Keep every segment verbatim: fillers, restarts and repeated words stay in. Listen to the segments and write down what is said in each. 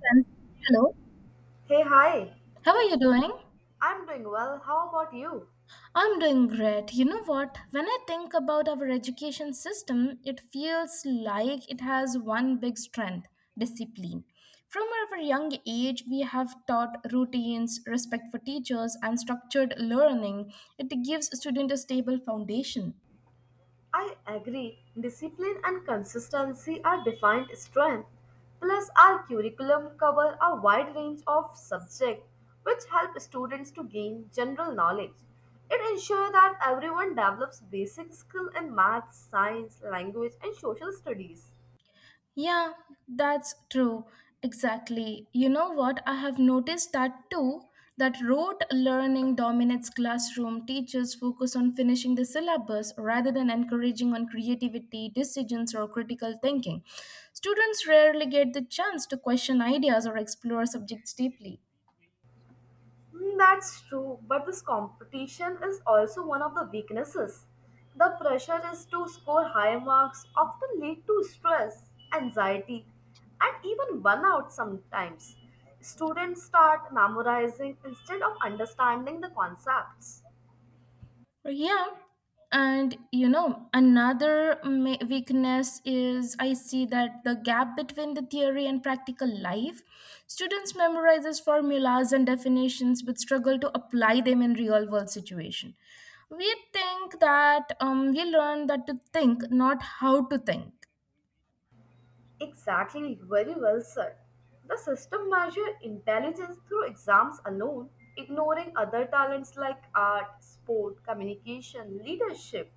Friends. Hello, Hey, hi. how are you doing? I'm doing well. How about you? I'm doing great. You know what? When I think about our education system, it feels like it has one big strength, discipline. From our young age, we have taught routines, respect for teachers, and structured learning. It gives students a stable foundation. I agree. Discipline and consistency are defined strength. Plus, our curriculum cover a wide range of subjects which help students to gain general knowledge. It ensures that everyone develops basic skill in math, science, language, and social studies. Yeah, that's true. Exactly. You know what? I have noticed that too, that rote learning dominates classroom teachers focus on finishing the syllabus rather than encouraging on creativity decisions or critical thinking. Students rarely get the chance to question ideas or explore subjects deeply. Mm, that's true, but this competition is also one of the weaknesses. The pressure is to score high marks often lead to stress, anxiety, and even burnout sometimes. Students start memorizing instead of understanding the concepts. Yeah. And you know, another ma- weakness is I see that the gap between the theory and practical life. Students memorizes formulas and definitions but struggle to apply them in real world situation. We think that um, we learn that to think, not how to think. Exactly, very well said. The system measures intelligence through exams alone, ignoring other talents like art, sport, communication, leadership,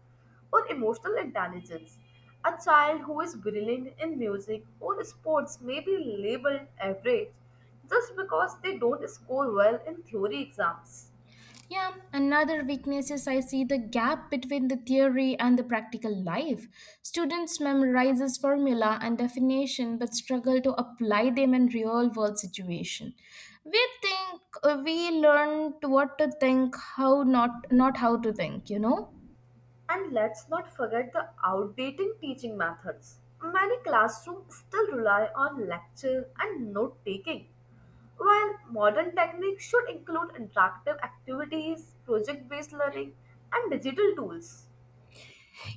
or emotional intelligence. A child who is brilliant in music or sports may be labeled average just because they don't score well in theory exams. Yeah, another weakness is I see the gap between the theory and the practical life. Students memorizes formula and definition but struggle to apply them in real world situation. We think uh, we learned what to think, how not not how to think, you know? And let's not forget the outdated teaching methods. Many classrooms still rely on lecture and note taking, while modern techniques should include interactive activities, project based learning, and digital tools.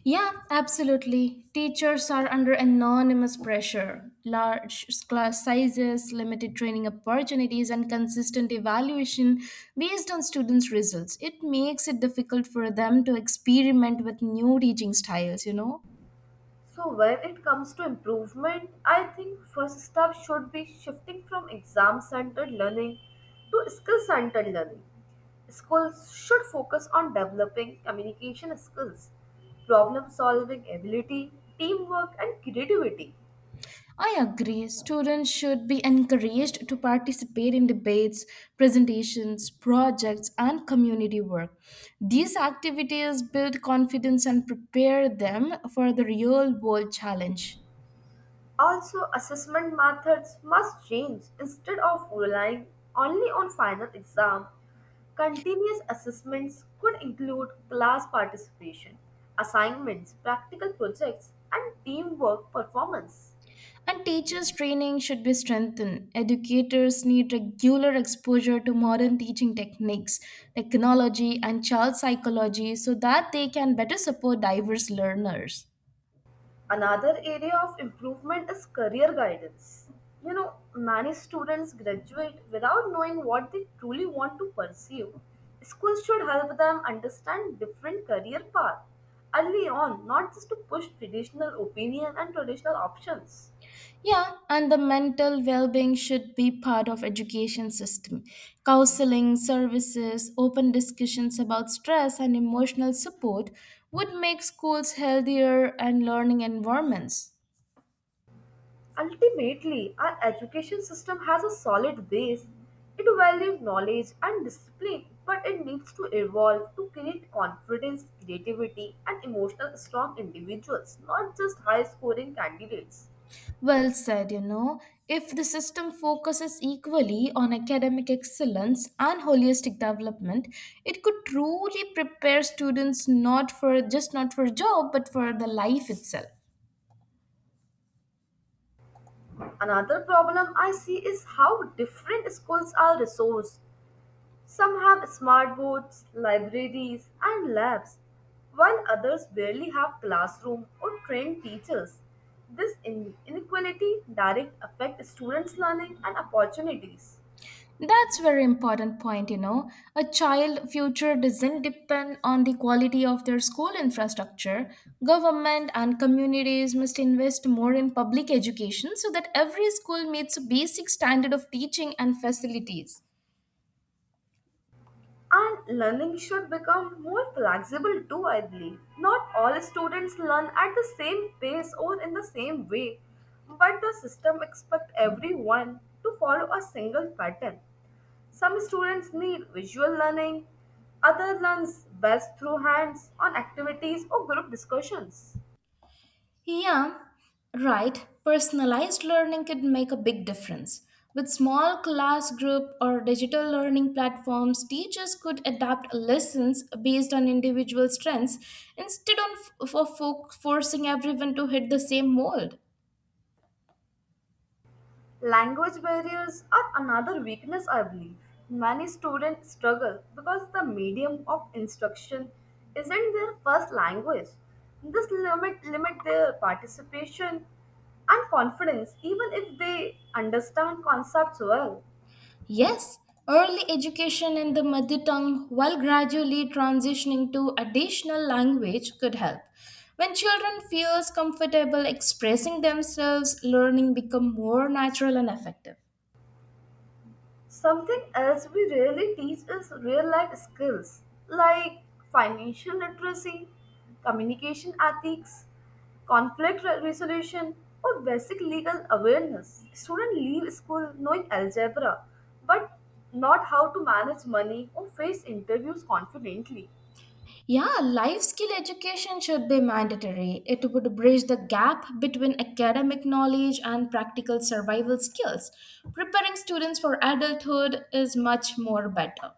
Yeah, absolutely. Teachers are under enormous pressure. Large class sizes, limited training opportunities, and consistent evaluation based on students' results. It makes it difficult for them to experiment with new teaching styles, you know. So when it comes to improvement, I think first step should be shifting from exam-centered learning to skill-centered learning. Schools should focus on developing communication skills, problem-solving ability, teamwork, and creativity. I agree. Students should be encouraged to participate in debates, presentations, projects, and community work. These activities build confidence and prepare them for the real world challenge. Also, assessment methods must change. Instead of relying only on final exam, continuous assessments could include class participation, assignments, practical projects, and teamwork performance. And teachers' training should be strengthened. Educators need regular exposure to modern teaching techniques, technology, and child psychology so that they can better support diverse learners. Another area of improvement is career guidance. You know, many students graduate without knowing what they truly want to pursue. Schools should help them understand different career paths early on, not just to push traditional opinion and traditional options. Yeah, and the mental well-being should be part of education system. Counseling services, open discussions about stress and emotional support would make schools healthier and learning environments. Ultimately, our education system has a solid base. It values knowledge and discipline, but it needs to evolve to create confidence, creativity, and emotional strong individuals, not just high scoring candidates. Well said, you know. If the system focuses equally on academic excellence and holistic development, it could truly prepare students not for just not for job but for the life itself. Another problem I see is how different schools are resourced. Some have smart boards, libraries, and labs, while others barely have classroom or trained teachers. This in- inequality direct affects students' learning and opportunities. That's very important point, you know. A child future doesn't depend on the quality of their school infrastructure. Government and communities must invest more in public education so that every school meets a basic standard of teaching and facilities. And learning should become more flexible too, I believe. Not all students learn at the same pace or in the same way, but the system expects everyone to follow a single pattern. Some students need visual learning, others learn best through hands on activities or group discussions. Yeah, right. Personalized learning could make a big difference. With small class group or digital learning platforms, teachers could adapt lessons based on individual strengths instead of for fo- forcing everyone to hit the same mold. Language barriers are another weakness, I believe. Many students struggle because the medium of instruction isn't their first language. This limit limit their participation and confidence even if they understand concepts well. Yes, early education in the mother tongue while gradually transitioning to additional language could help. When children feels comfortable expressing themselves, learning become more natural and effective. Something else we rarely teach is real life skills like financial literacy, communication ethics, conflict re- resolution, or basic legal awareness. Students leave school knowing algebra but not how to manage money or face interviews confidently. Yeah, life skill education should be mandatory. It would bridge the gap between academic knowledge and practical survival skills. Preparing students for adulthood is much more better.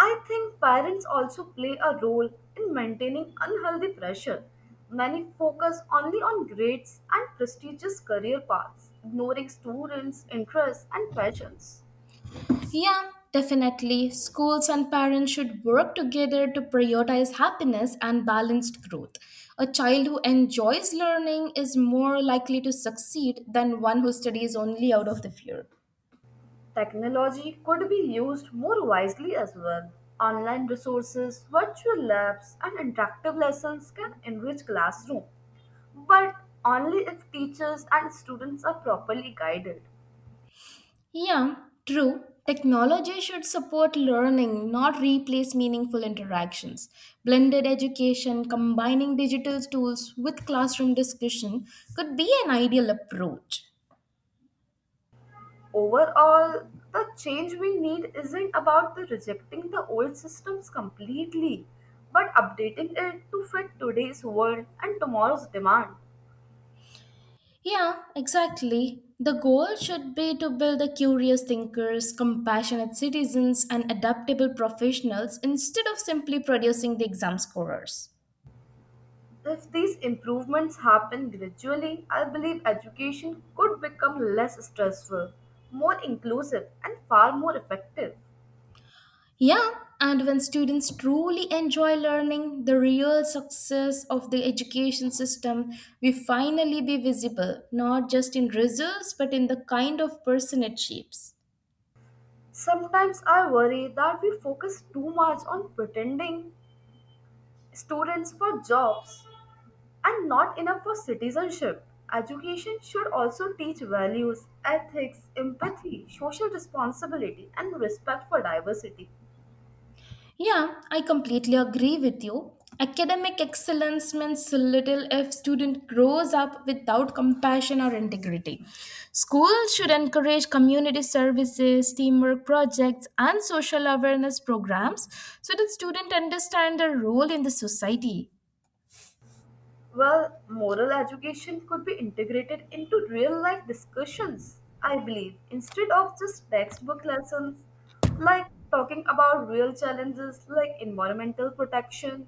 I think parents also play a role in maintaining unhealthy pressure. Many focus only on grades and prestigious career paths, ignoring students' interests and passions. Yeah, definitely. Schools and parents should work together to prioritize happiness and balanced growth. A child who enjoys learning is more likely to succeed than one who studies only out of the fear. Technology could be used more wisely as well. Online resources, virtual labs, and interactive lessons can enrich classroom, but only if teachers and students are properly guided. Yeah, true. Technology should support learning, not replace meaningful interactions. Blended education, combining digital tools with classroom discussion, could be an ideal approach. Overall, the change we need isn't about the rejecting the old systems completely, but updating it to fit today's world and tomorrow's demand. Yeah, exactly. The goal should be to build the curious thinkers, compassionate citizens, and adaptable professionals instead of simply producing the exam scorers. If these improvements happen gradually, I believe education could become less stressful, more inclusive, and far more effective. Yeah, and when students truly enjoy learning, the real success of the education system will finally be visible, not just in results, but in the kind of person it shapes. Sometimes I worry that we focus too much on pretending students for jobs and not enough for citizenship. Education should also teach values, ethics, empathy, social responsibility, and respect for diversity. Yeah, I completely agree with you. Academic excellence means little if student grows up without compassion or integrity. Schools should encourage community services, teamwork projects, and social awareness programs so that student understand their role in the society. Well, moral education could be integrated into real life discussions, I believe, instead of just textbook lessons like talking about real challenges like environmental protection,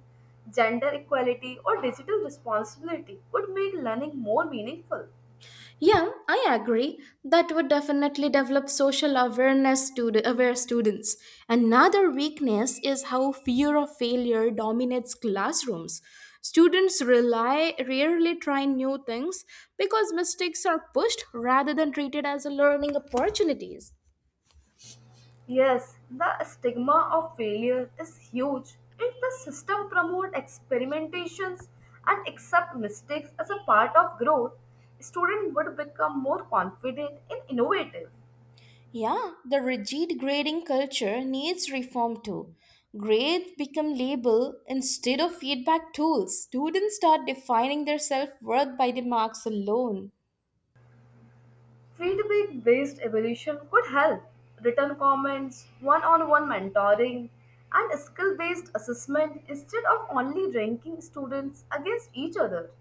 gender equality, or digital responsibility would make learning more meaningful. Yeah, I agree. That would definitely develop social awareness to the aware students. Another weakness is how fear of failure dominates classrooms. Students rely rarely try new things because mistakes are pushed rather than treated as a learning opportunities. Yes, the stigma of failure is huge. If the system promotes experimentations and accept mistakes as a part of growth, students would become more confident and innovative. Yeah, the rigid grading culture needs reform too. Grades become label instead of feedback tools. Students start defining their self-worth by the marks alone. Feedback based evolution could help. Written comments, one on one mentoring, and skill based assessment instead of only ranking students against each other.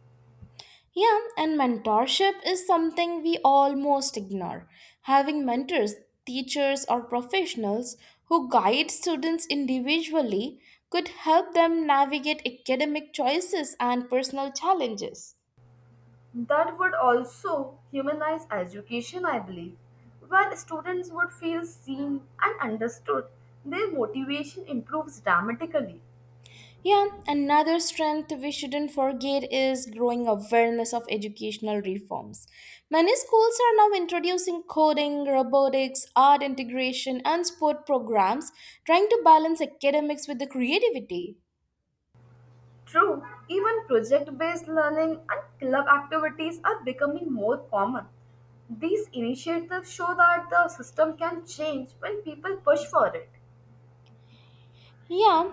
Yeah, and mentorship is something we almost ignore. Having mentors, teachers, or professionals who guide students individually could help them navigate academic choices and personal challenges. That would also humanize education, I believe. When students would feel seen and understood, their motivation improves dramatically. Yeah, another strength we shouldn't forget is growing awareness of educational reforms. Many schools are now introducing coding, robotics, art integration, and sport programs, trying to balance academics with the creativity. True, even project based learning and club activities are becoming more common. These initiatives show that the system can change when people push for it. Yeah,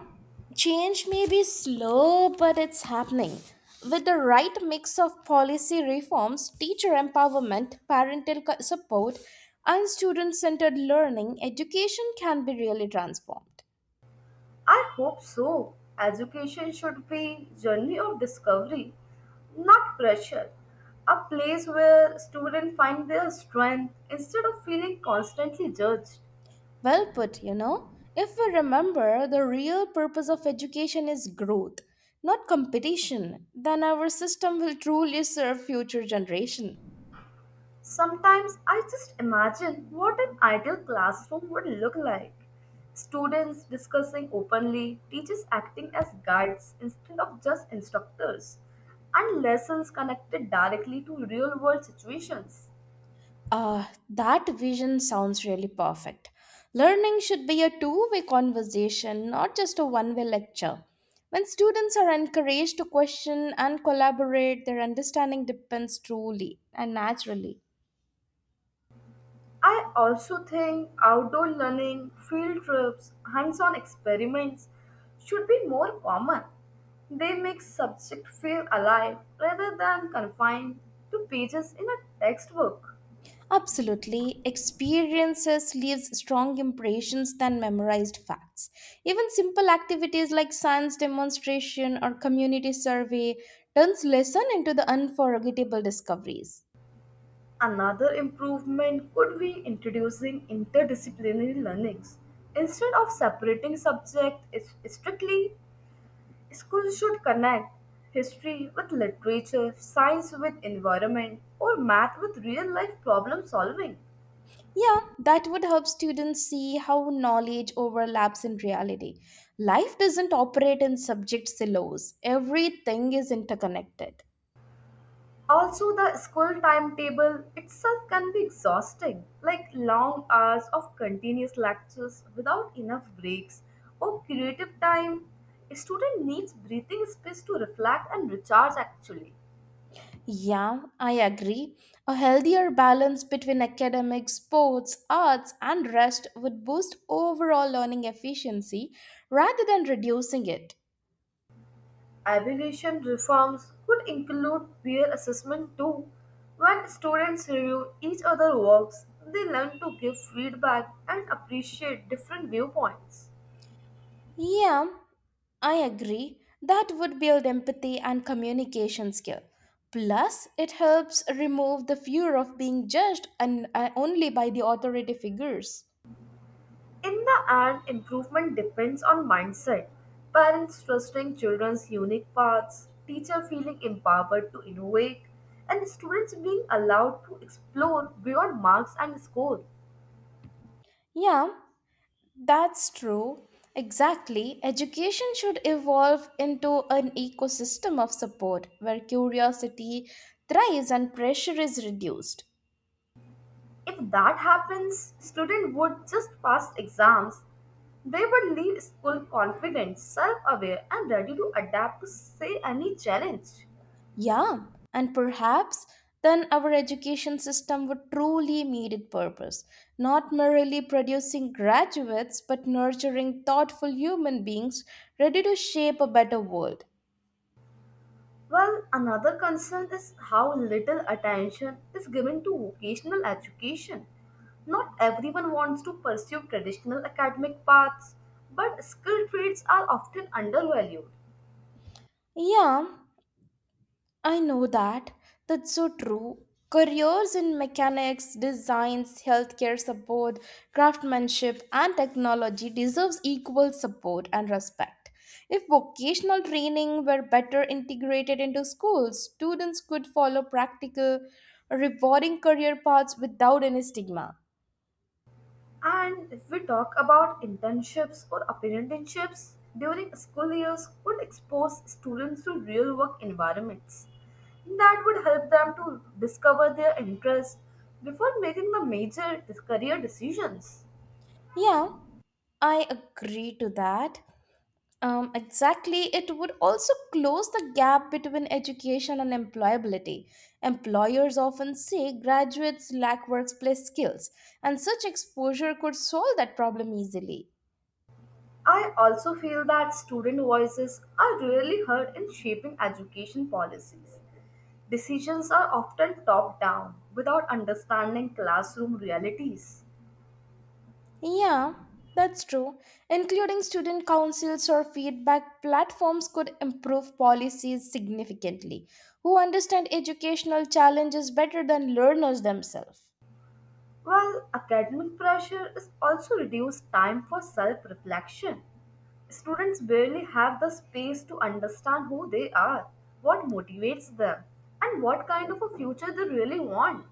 change may be slow, but it's happening. With the right mix of policy reforms, teacher empowerment, parental co- support, and student centered learning, education can be really transformed. I hope so. Education should be journey of discovery, not pressure. A place where students find their strength instead of feeling constantly judged. Well put, you know. If we remember, the real purpose of education is growth, not competition, then our system will truly serve future generations. Sometimes I just imagine what an ideal classroom would look like. Students discussing openly, teachers acting as guides instead of just instructors, and lessons connected directly to real world situations. Uh, that vision sounds really perfect. Learning should be a two way conversation, not just a one way lecture. When students are encouraged to question and collaborate, their understanding depends truly and naturally. I also think outdoor learning, field trips, hands on experiments should be more common. They make subject feel alive rather than confined to pages in a textbook. Absolutely, experiences leaves strong impressions than memorized facts. Even simple activities like science demonstration or community survey turns lesson into the unforgettable discoveries. Another improvement could be introducing interdisciplinary learnings. Instead of separating subjects strictly, schools should connect history with literature, science with environment, or math with real life problem solving. Yeah, that would help students see how knowledge overlaps in reality. Life doesn't operate in subject silos, everything is interconnected. Also, the school timetable itself can be exhausting, like long hours of continuous lectures without enough breaks or creative time. A student needs breathing space to reflect and recharge actually. Yeah, I agree. A healthier balance between academics, sports, arts, and rest would boost overall learning efficiency rather than reducing it. Evaluation reforms could include peer assessment too. When students review each other's works, they learn to give feedback and appreciate different viewpoints. Yeah, I agree. That would build empathy and communication skill. Plus, it helps remove the fear of being judged and uh, only by the authority figures. In the end, improvement depends on mindset. Parents trusting children's unique paths, teacher feeling empowered to innovate, and students being allowed to explore beyond marks and score. Yeah, that's true. Exactly. Education should evolve into an ecosystem of support where curiosity thrives and pressure is reduced. If that happens, students would just pass exams. They would leave school confident, self-aware, and ready to adapt to say any challenge. Yeah, and perhaps then our education system would truly meet its purpose, not merely producing graduates but nurturing thoughtful human beings ready to shape a better world. Well, another concern is how little attention is given to vocational education. Not everyone wants to pursue traditional academic paths, but skilled trades are often undervalued. Yeah, I know that. That's so true. Careers in mechanics, designs, healthcare support, craftsmanship, and technology deserves equal support and respect. If vocational training were better integrated into schools, students could follow practical, rewarding career paths without any stigma. And if we talk about internships or apprenticeships during school years, could expose students to real work environments that would help them to discover their interests before making the major career decisions. Yeah, I agree to that. Um, exactly. It would also close the gap between education and employability. Employers often say graduates lack workplace skills, and such exposure could solve that problem easily. I also feel that student voices are rarely heard in shaping education policies. Decisions are often top down without understanding classroom realities, Yeah, that's true. Including student councils or feedback platforms could improve policies significantly, who understand educational challenges better than learners themselves. while academic pressure is also reduced time for self reflection. Students barely have the space to understand who they are, what motivates them, and what kind of a future they really want.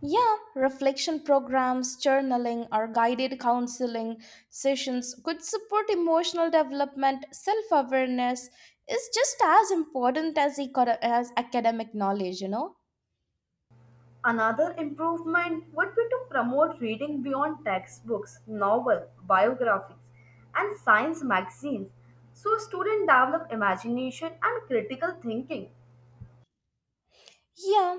Yeah, reflection programs, journaling, or guided counseling sessions could support emotional development. Self awareness is just as important as, eco- as academic knowledge, you know? Another improvement would be to promote reading beyond textbooks, novel, biographies, and science magazines so students develop imagination and critical thinking. Yeah,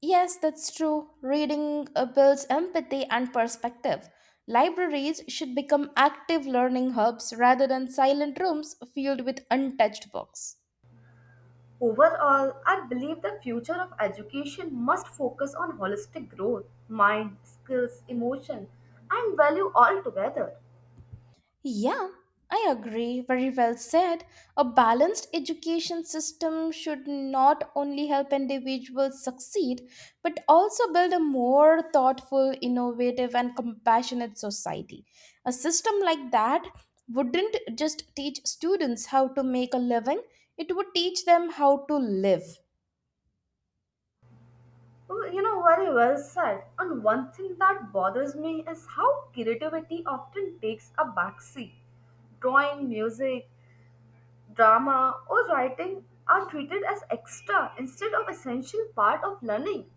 yes, that's true. Reading uh, builds empathy and perspective. Libraries should become active learning hubs rather than silent rooms filled with untouched books. Overall, I believe the future of education must focus on holistic growth, mind, skills, emotion, and value altogether. Yeah, I agree. Very well said. A balanced education system should not only help individuals succeed, but also build a more thoughtful, innovative, and compassionate society. A system like that wouldn't just teach students how to make a living, it would teach them how to live. Well, you know, very well said. And one thing that bothers me is how creativity often takes a backseat drawing, music, drama or writing are treated as extra instead of essential part of learning.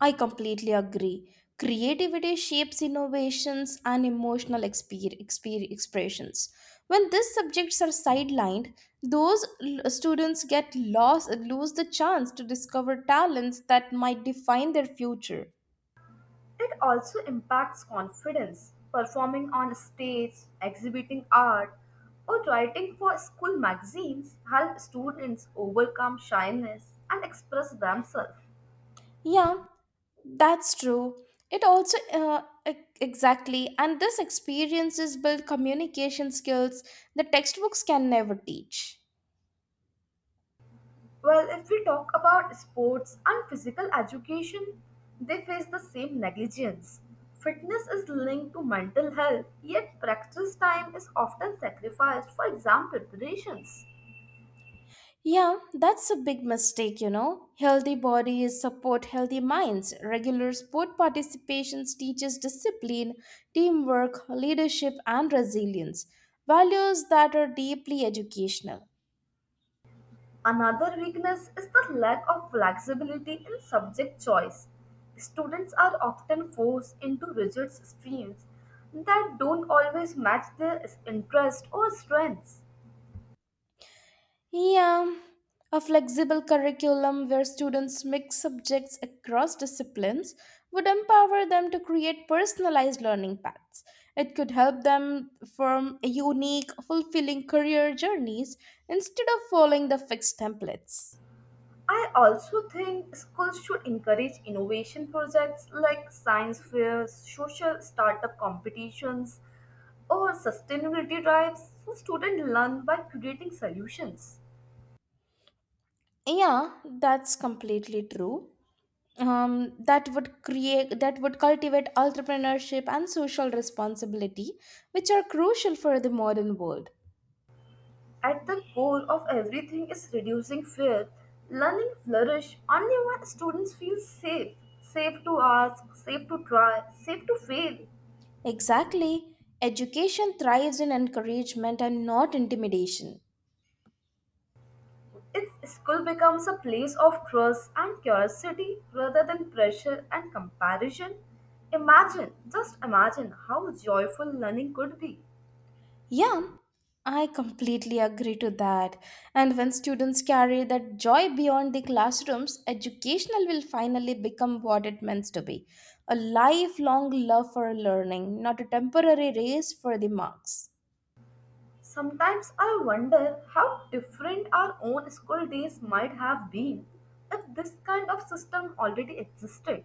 I completely agree. Creativity shapes innovations and emotional exper- exper- expressions. When these subjects are sidelined, those l- students get lost, lose the chance to discover talents that might define their future. It also impacts confidence. Performing on stage, exhibiting art, or writing for school magazines help students overcome shyness and express themselves. Yeah, that's true. It also, uh, e- exactly, and this experiences build communication skills that textbooks can never teach. Well, if we talk about sports and physical education, they face the same negligence. Fitness is linked to mental health, yet practice time is often sacrificed for exam preparations. Yeah, that's a big mistake, you know. Healthy bodies support healthy minds. Regular sport participations teaches discipline, teamwork, leadership and resilience, values that are deeply educational. Another weakness is the lack of flexibility in subject choice. Students are often forced into rigid streams that don't always match their interests or strengths. Yeah, a flexible curriculum where students mix subjects across disciplines would empower them to create personalized learning paths. It could help them form unique, fulfilling career journeys instead of following the fixed templates. I also think schools should encourage innovation projects like science fairs, social startup competitions, or sustainability drives so students learn by creating solutions. Yeah, that's completely true. Um, that would create that would cultivate entrepreneurship and social responsibility, which are crucial for the modern world. At the core of everything is reducing fear. Learning flourish only when students feel safe, safe to ask, safe to try, safe to fail. Exactly. Education thrives in encouragement and not intimidation. If school becomes a place of trust and curiosity rather than pressure and comparison, imagine, just imagine how joyful learning could be. Yeah, I completely agree to that. And when students carry that joy beyond the classrooms, educational will finally become what it means to be a lifelong love for learning, not a temporary race for the marks. Sometimes I wonder how different our own school days might have been if this kind of system already existed.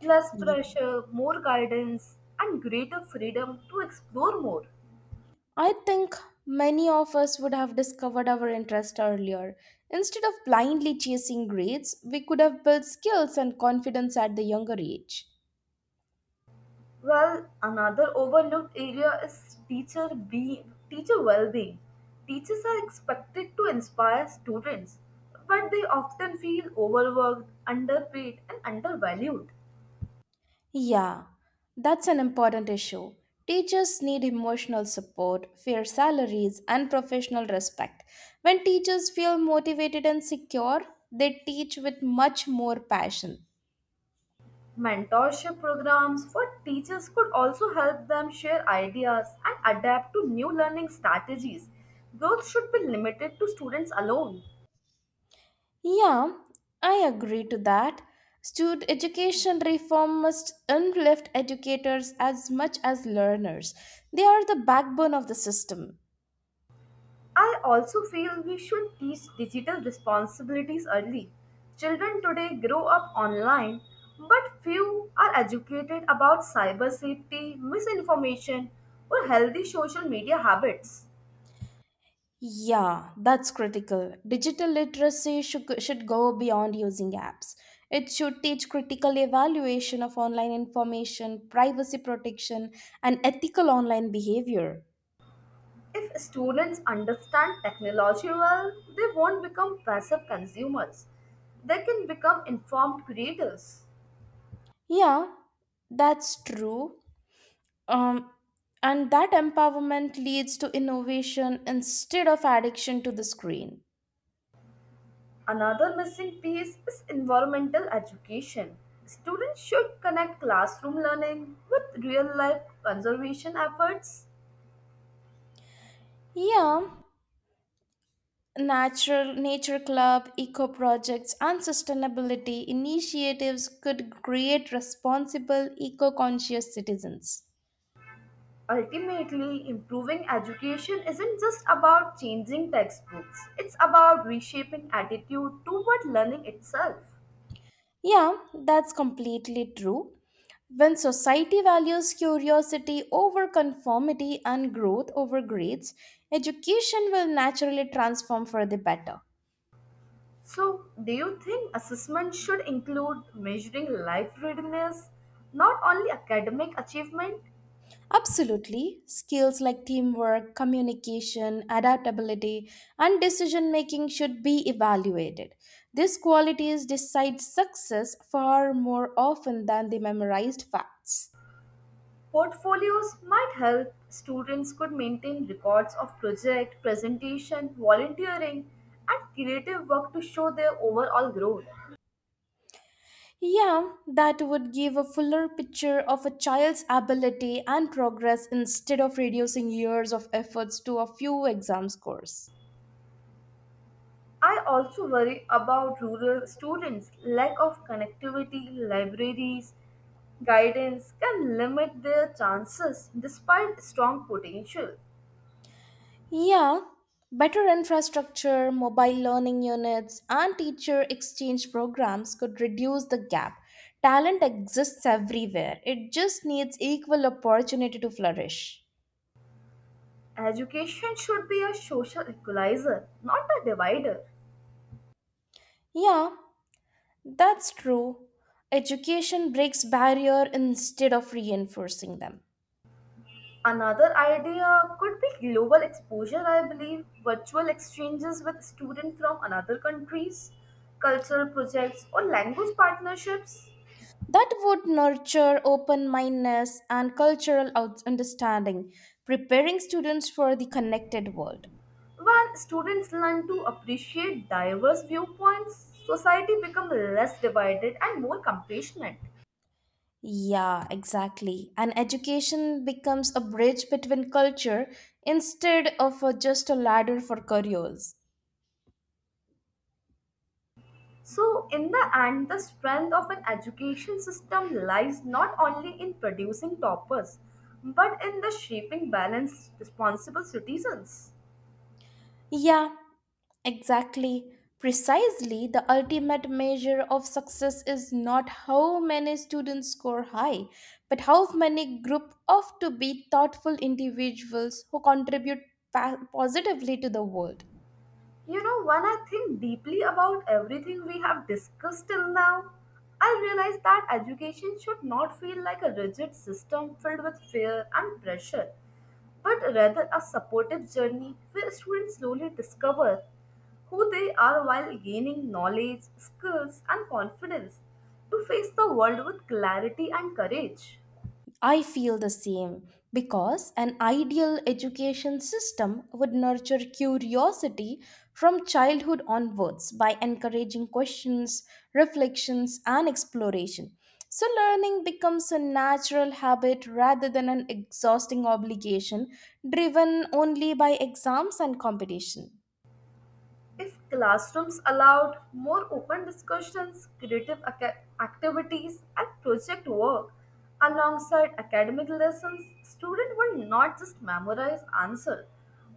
Less pressure, more guidance, and greater freedom to explore more. I think many of us would have discovered our interest earlier. Instead of blindly chasing grades, we could have built skills and confidence at the younger age. Well, another overlooked area is teacher be teacher well-being. Teachers are expected to inspire students, but they often feel overworked, underpaid, and undervalued. Yeah, that's an important issue. Teachers need emotional support, fair salaries, and professional respect. When teachers feel motivated and secure, they teach with much more passion. Mentorship programs for teachers could also help them share ideas and adapt to new learning strategies. Growth should be limited to students alone. Yeah, I agree to that. Student education reform must uplift educators as much as learners. They are the backbone of the system. I also feel we should teach digital responsibilities early. Children today grow up online, but few are educated about cyber safety, misinformation, or healthy social media habits. Yeah, that's critical. Digital literacy should, should go beyond using apps. It should teach critical evaluation of online information, privacy protection, and ethical online behavior. If students understand technology well, they won't become passive consumers. They can become informed creators. Yeah, that's true. Um, and that empowerment leads to innovation instead of addiction to the screen. Another missing piece is environmental education. Students should connect classroom learning with real life conservation efforts. Yeah, natural nature club, eco projects, and sustainability initiatives could create responsible, eco conscious citizens. Ultimately, improving education isn't just about changing textbooks, it's about reshaping attitude toward learning itself. Yeah, that's completely true. When society values curiosity over conformity and growth over grades, education will naturally transform for the better. So, do you think assessment should include measuring life readiness, not only academic achievement? Absolutely. Skills like teamwork, communication, adaptability, and decision making should be evaluated. These qualities decide success far more often than the memorized facts. Portfolios might help students could maintain records of project, presentation, volunteering, and creative work to show their overall growth. Yeah, that would give a fuller picture of a child's ability and progress instead of reducing years of efforts to a few exam scores. I also worry about rural students lack of connectivity, libraries, guidance can limit their chances despite strong potential. Yeah, better infrastructure, mobile learning units, and teacher exchange programs could reduce the gap. Talent exists everywhere, it just needs equal opportunity to flourish. Education should be a social equalizer, not a divider. Yeah, that's true. Education breaks barrier instead of reinforcing them. Another idea could be global exposure, I believe, virtual exchanges with students from another countries, cultural projects, or language partnerships. That would nurture open mindedness and cultural out- understanding, preparing students for the connected world. When students learn to appreciate diverse viewpoints, society becomes less divided and more compassionate. Yeah, exactly. And education becomes a bridge between culture instead of a- just a ladder for careers. So, in the end, the strength of an education system lies not only in producing toppers, but in the shaping balanced, responsible citizens. Yeah, exactly. Precisely, the ultimate measure of success is not how many students score high, but how many group of to be thoughtful individuals who contribute pa- positively to the world. You know, when I think deeply about everything we have discussed till now, I realize that education should not feel like a rigid system filled with fear and pressure, but rather a supportive journey where students slowly discover who they are while gaining knowledge, skills, and confidence to face the world with clarity and courage. I feel the same because an ideal education system would nurture curiosity from childhood onwards by encouraging questions, reflections, and exploration. So, learning becomes a natural habit rather than an exhausting obligation driven only by exams and competition. If classrooms allowed more open discussions, creative aca- activities, and project work alongside academic lessons, students would not just memorize answers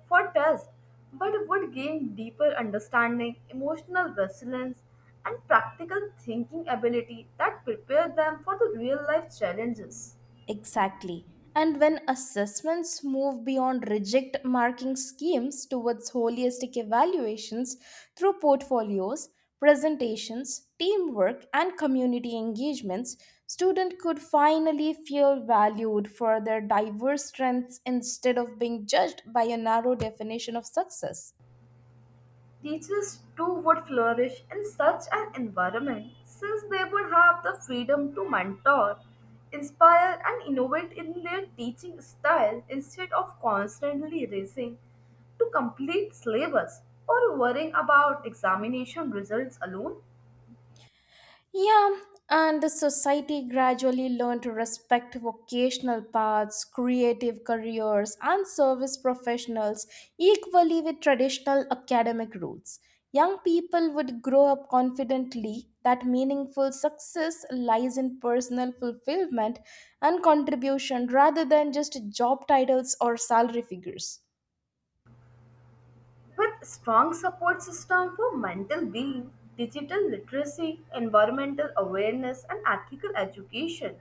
for tests but would gain deeper understanding, emotional resilience, and practical thinking ability that prepare them for the real life challenges. Exactly. And when assessments move beyond rigid marking schemes towards holistic evaluations through portfolios, presentations, teamwork, and community engagements, students could finally feel valued for their diverse strengths instead of being judged by a narrow definition of success. Teachers too would flourish in such an environment since they would have the freedom to mentor, inspire, and innovate in their teaching style instead of constantly racing to complete syllabus or worrying about examination results alone. Yeah, and the society gradually learned to respect vocational paths, creative careers, and service professionals equally with traditional academic routes. Young people would grow up confidently that meaningful success lies in personal fulfillment and contribution rather than just job titles or salary figures. With strong support system for mental being, digital literacy, environmental awareness, and ethical education,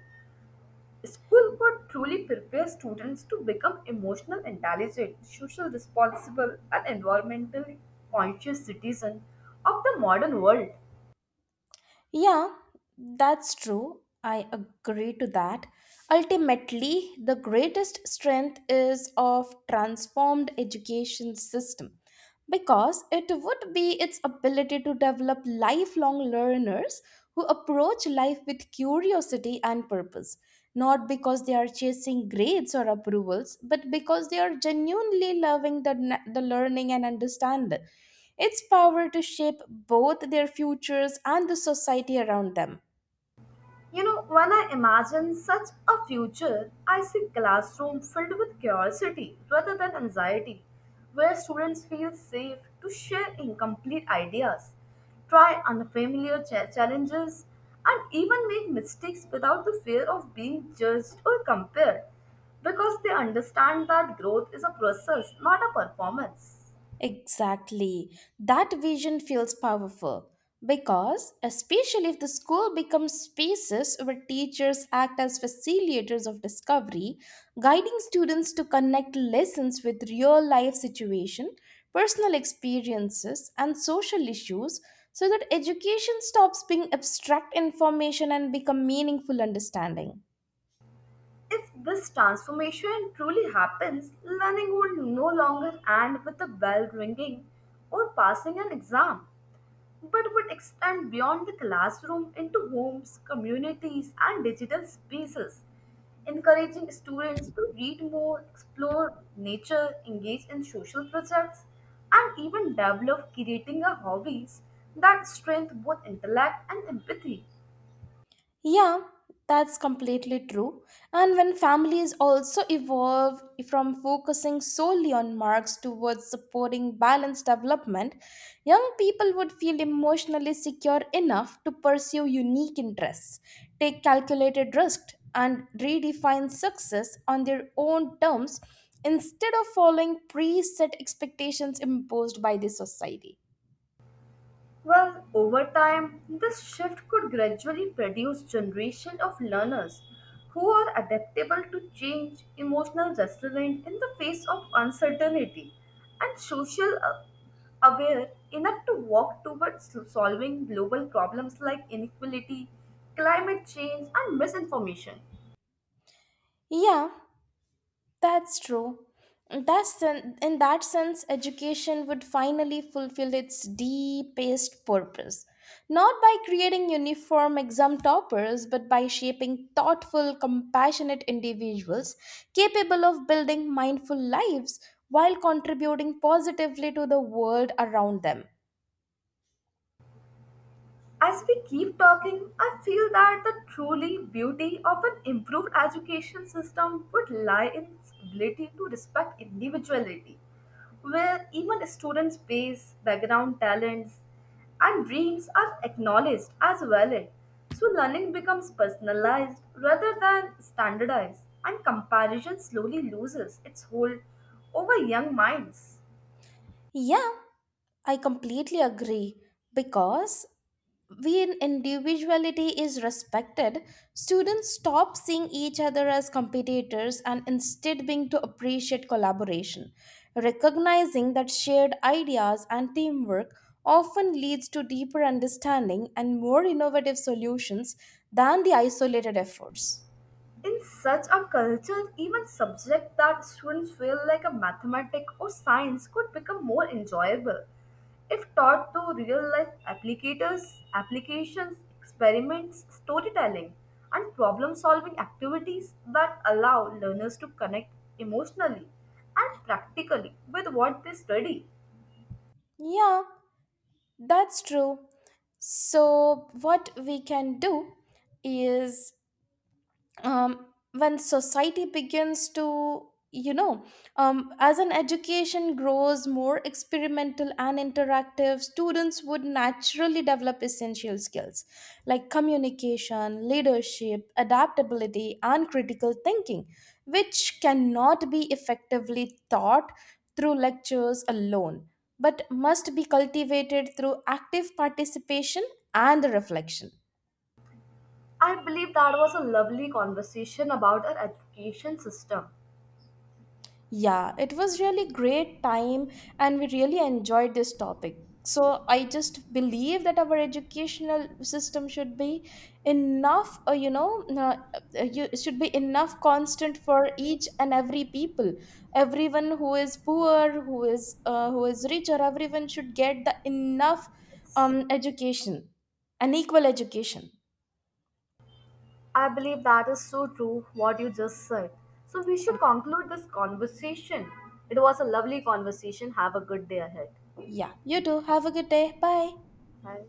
school could truly prepare students to become emotional intelligent, social responsible, and environmentally conscious citizens of the modern world. Yeah, that's true. I agree to that. Ultimately, the greatest strength is of transformed education system because it would be its ability to develop lifelong learners who approach life with curiosity and purpose, not because they are chasing grades or approvals, but because they are genuinely loving the, the learning and understand it its power to shape both their futures and the society around them. You know, when I imagine such a future, I see classroom filled with curiosity rather than anxiety, where students feel safe to share incomplete ideas, try unfamiliar cha- challenges, and even make mistakes without the fear of being judged or compared, because they understand that growth is a process, not a performance. Exactly. That vision feels powerful because, especially if the school becomes spaces where teachers act as facilitators of discovery, guiding students to connect lessons with real life situation, personal experiences, and social issues so that education stops being abstract information and become meaningful understanding. If this transformation truly happens, learning will no longer end with a bell ringing or passing an exam, but would extend beyond the classroom into homes, communities, and digital spaces, encouraging students to read more, explore nature, engage in social projects, and even develop creating a hobbies that strengthen both intellect and empathy. Yeah, that's completely true. And when families also evolve from focusing solely on marks towards supporting balanced development, young people would feel emotionally secure enough to pursue unique interests, take calculated risks, and redefine success on their own terms instead of following preset expectations imposed by the society. Well, over time, this shift could gradually produce generation of learners who are adaptable to change, emotional resilient in the face of uncertainty, and social uh, aware enough to walk towards solving global problems like inequality, climate change, and misinformation. Yeah, that's true. That's sen- in that sense, education would finally fulfill its deepest purpose. Not by creating uniform exam toppers, but by shaping thoughtful, compassionate individuals capable of building mindful lives while contributing positively to the world around them. As we keep talking, I feel that the truly beauty of an improved education system would lie in its ability to respect individuality, where even students' base, background, talents, and dreams are acknowledged as valid. So learning becomes personalized rather than standardized, and comparison slowly loses its hold over young minds. Yeah, I completely agree because when individuality is respected, students stop seeing each other as competitors and instead begin to appreciate collaboration. Recognizing that shared ideas and teamwork often leads to deeper understanding and more innovative solutions than the isolated efforts. In such a culture, even subjects that students feel like a mathematics or science could become more enjoyable if taught to real life applicators, applications, experiments, storytelling, and problem solving activities that allow learners to connect emotionally and practically with what they study. Yeah, that's true. So, what we can do is um, when society begins to you know um, as an education grows more experimental and interactive students would naturally develop essential skills like communication leadership adaptability and critical thinking which cannot be effectively taught through lectures alone but must be cultivated through active participation and reflection. I believe that was a lovely conversation about our education system. Yeah, it was really great time and we really enjoyed this topic. So I just believe that our educational system should be enough, uh, you know, uh, uh, you, should be enough constant for each and every people. Everyone who is poor, who is uh, who is richer, everyone should get the enough um, education, an equal education. I believe that is so true what you just said. So we should conclude this conversation. It was a lovely conversation. Have a good day ahead. Yeah, you too. Have a good day. Bye. Bye.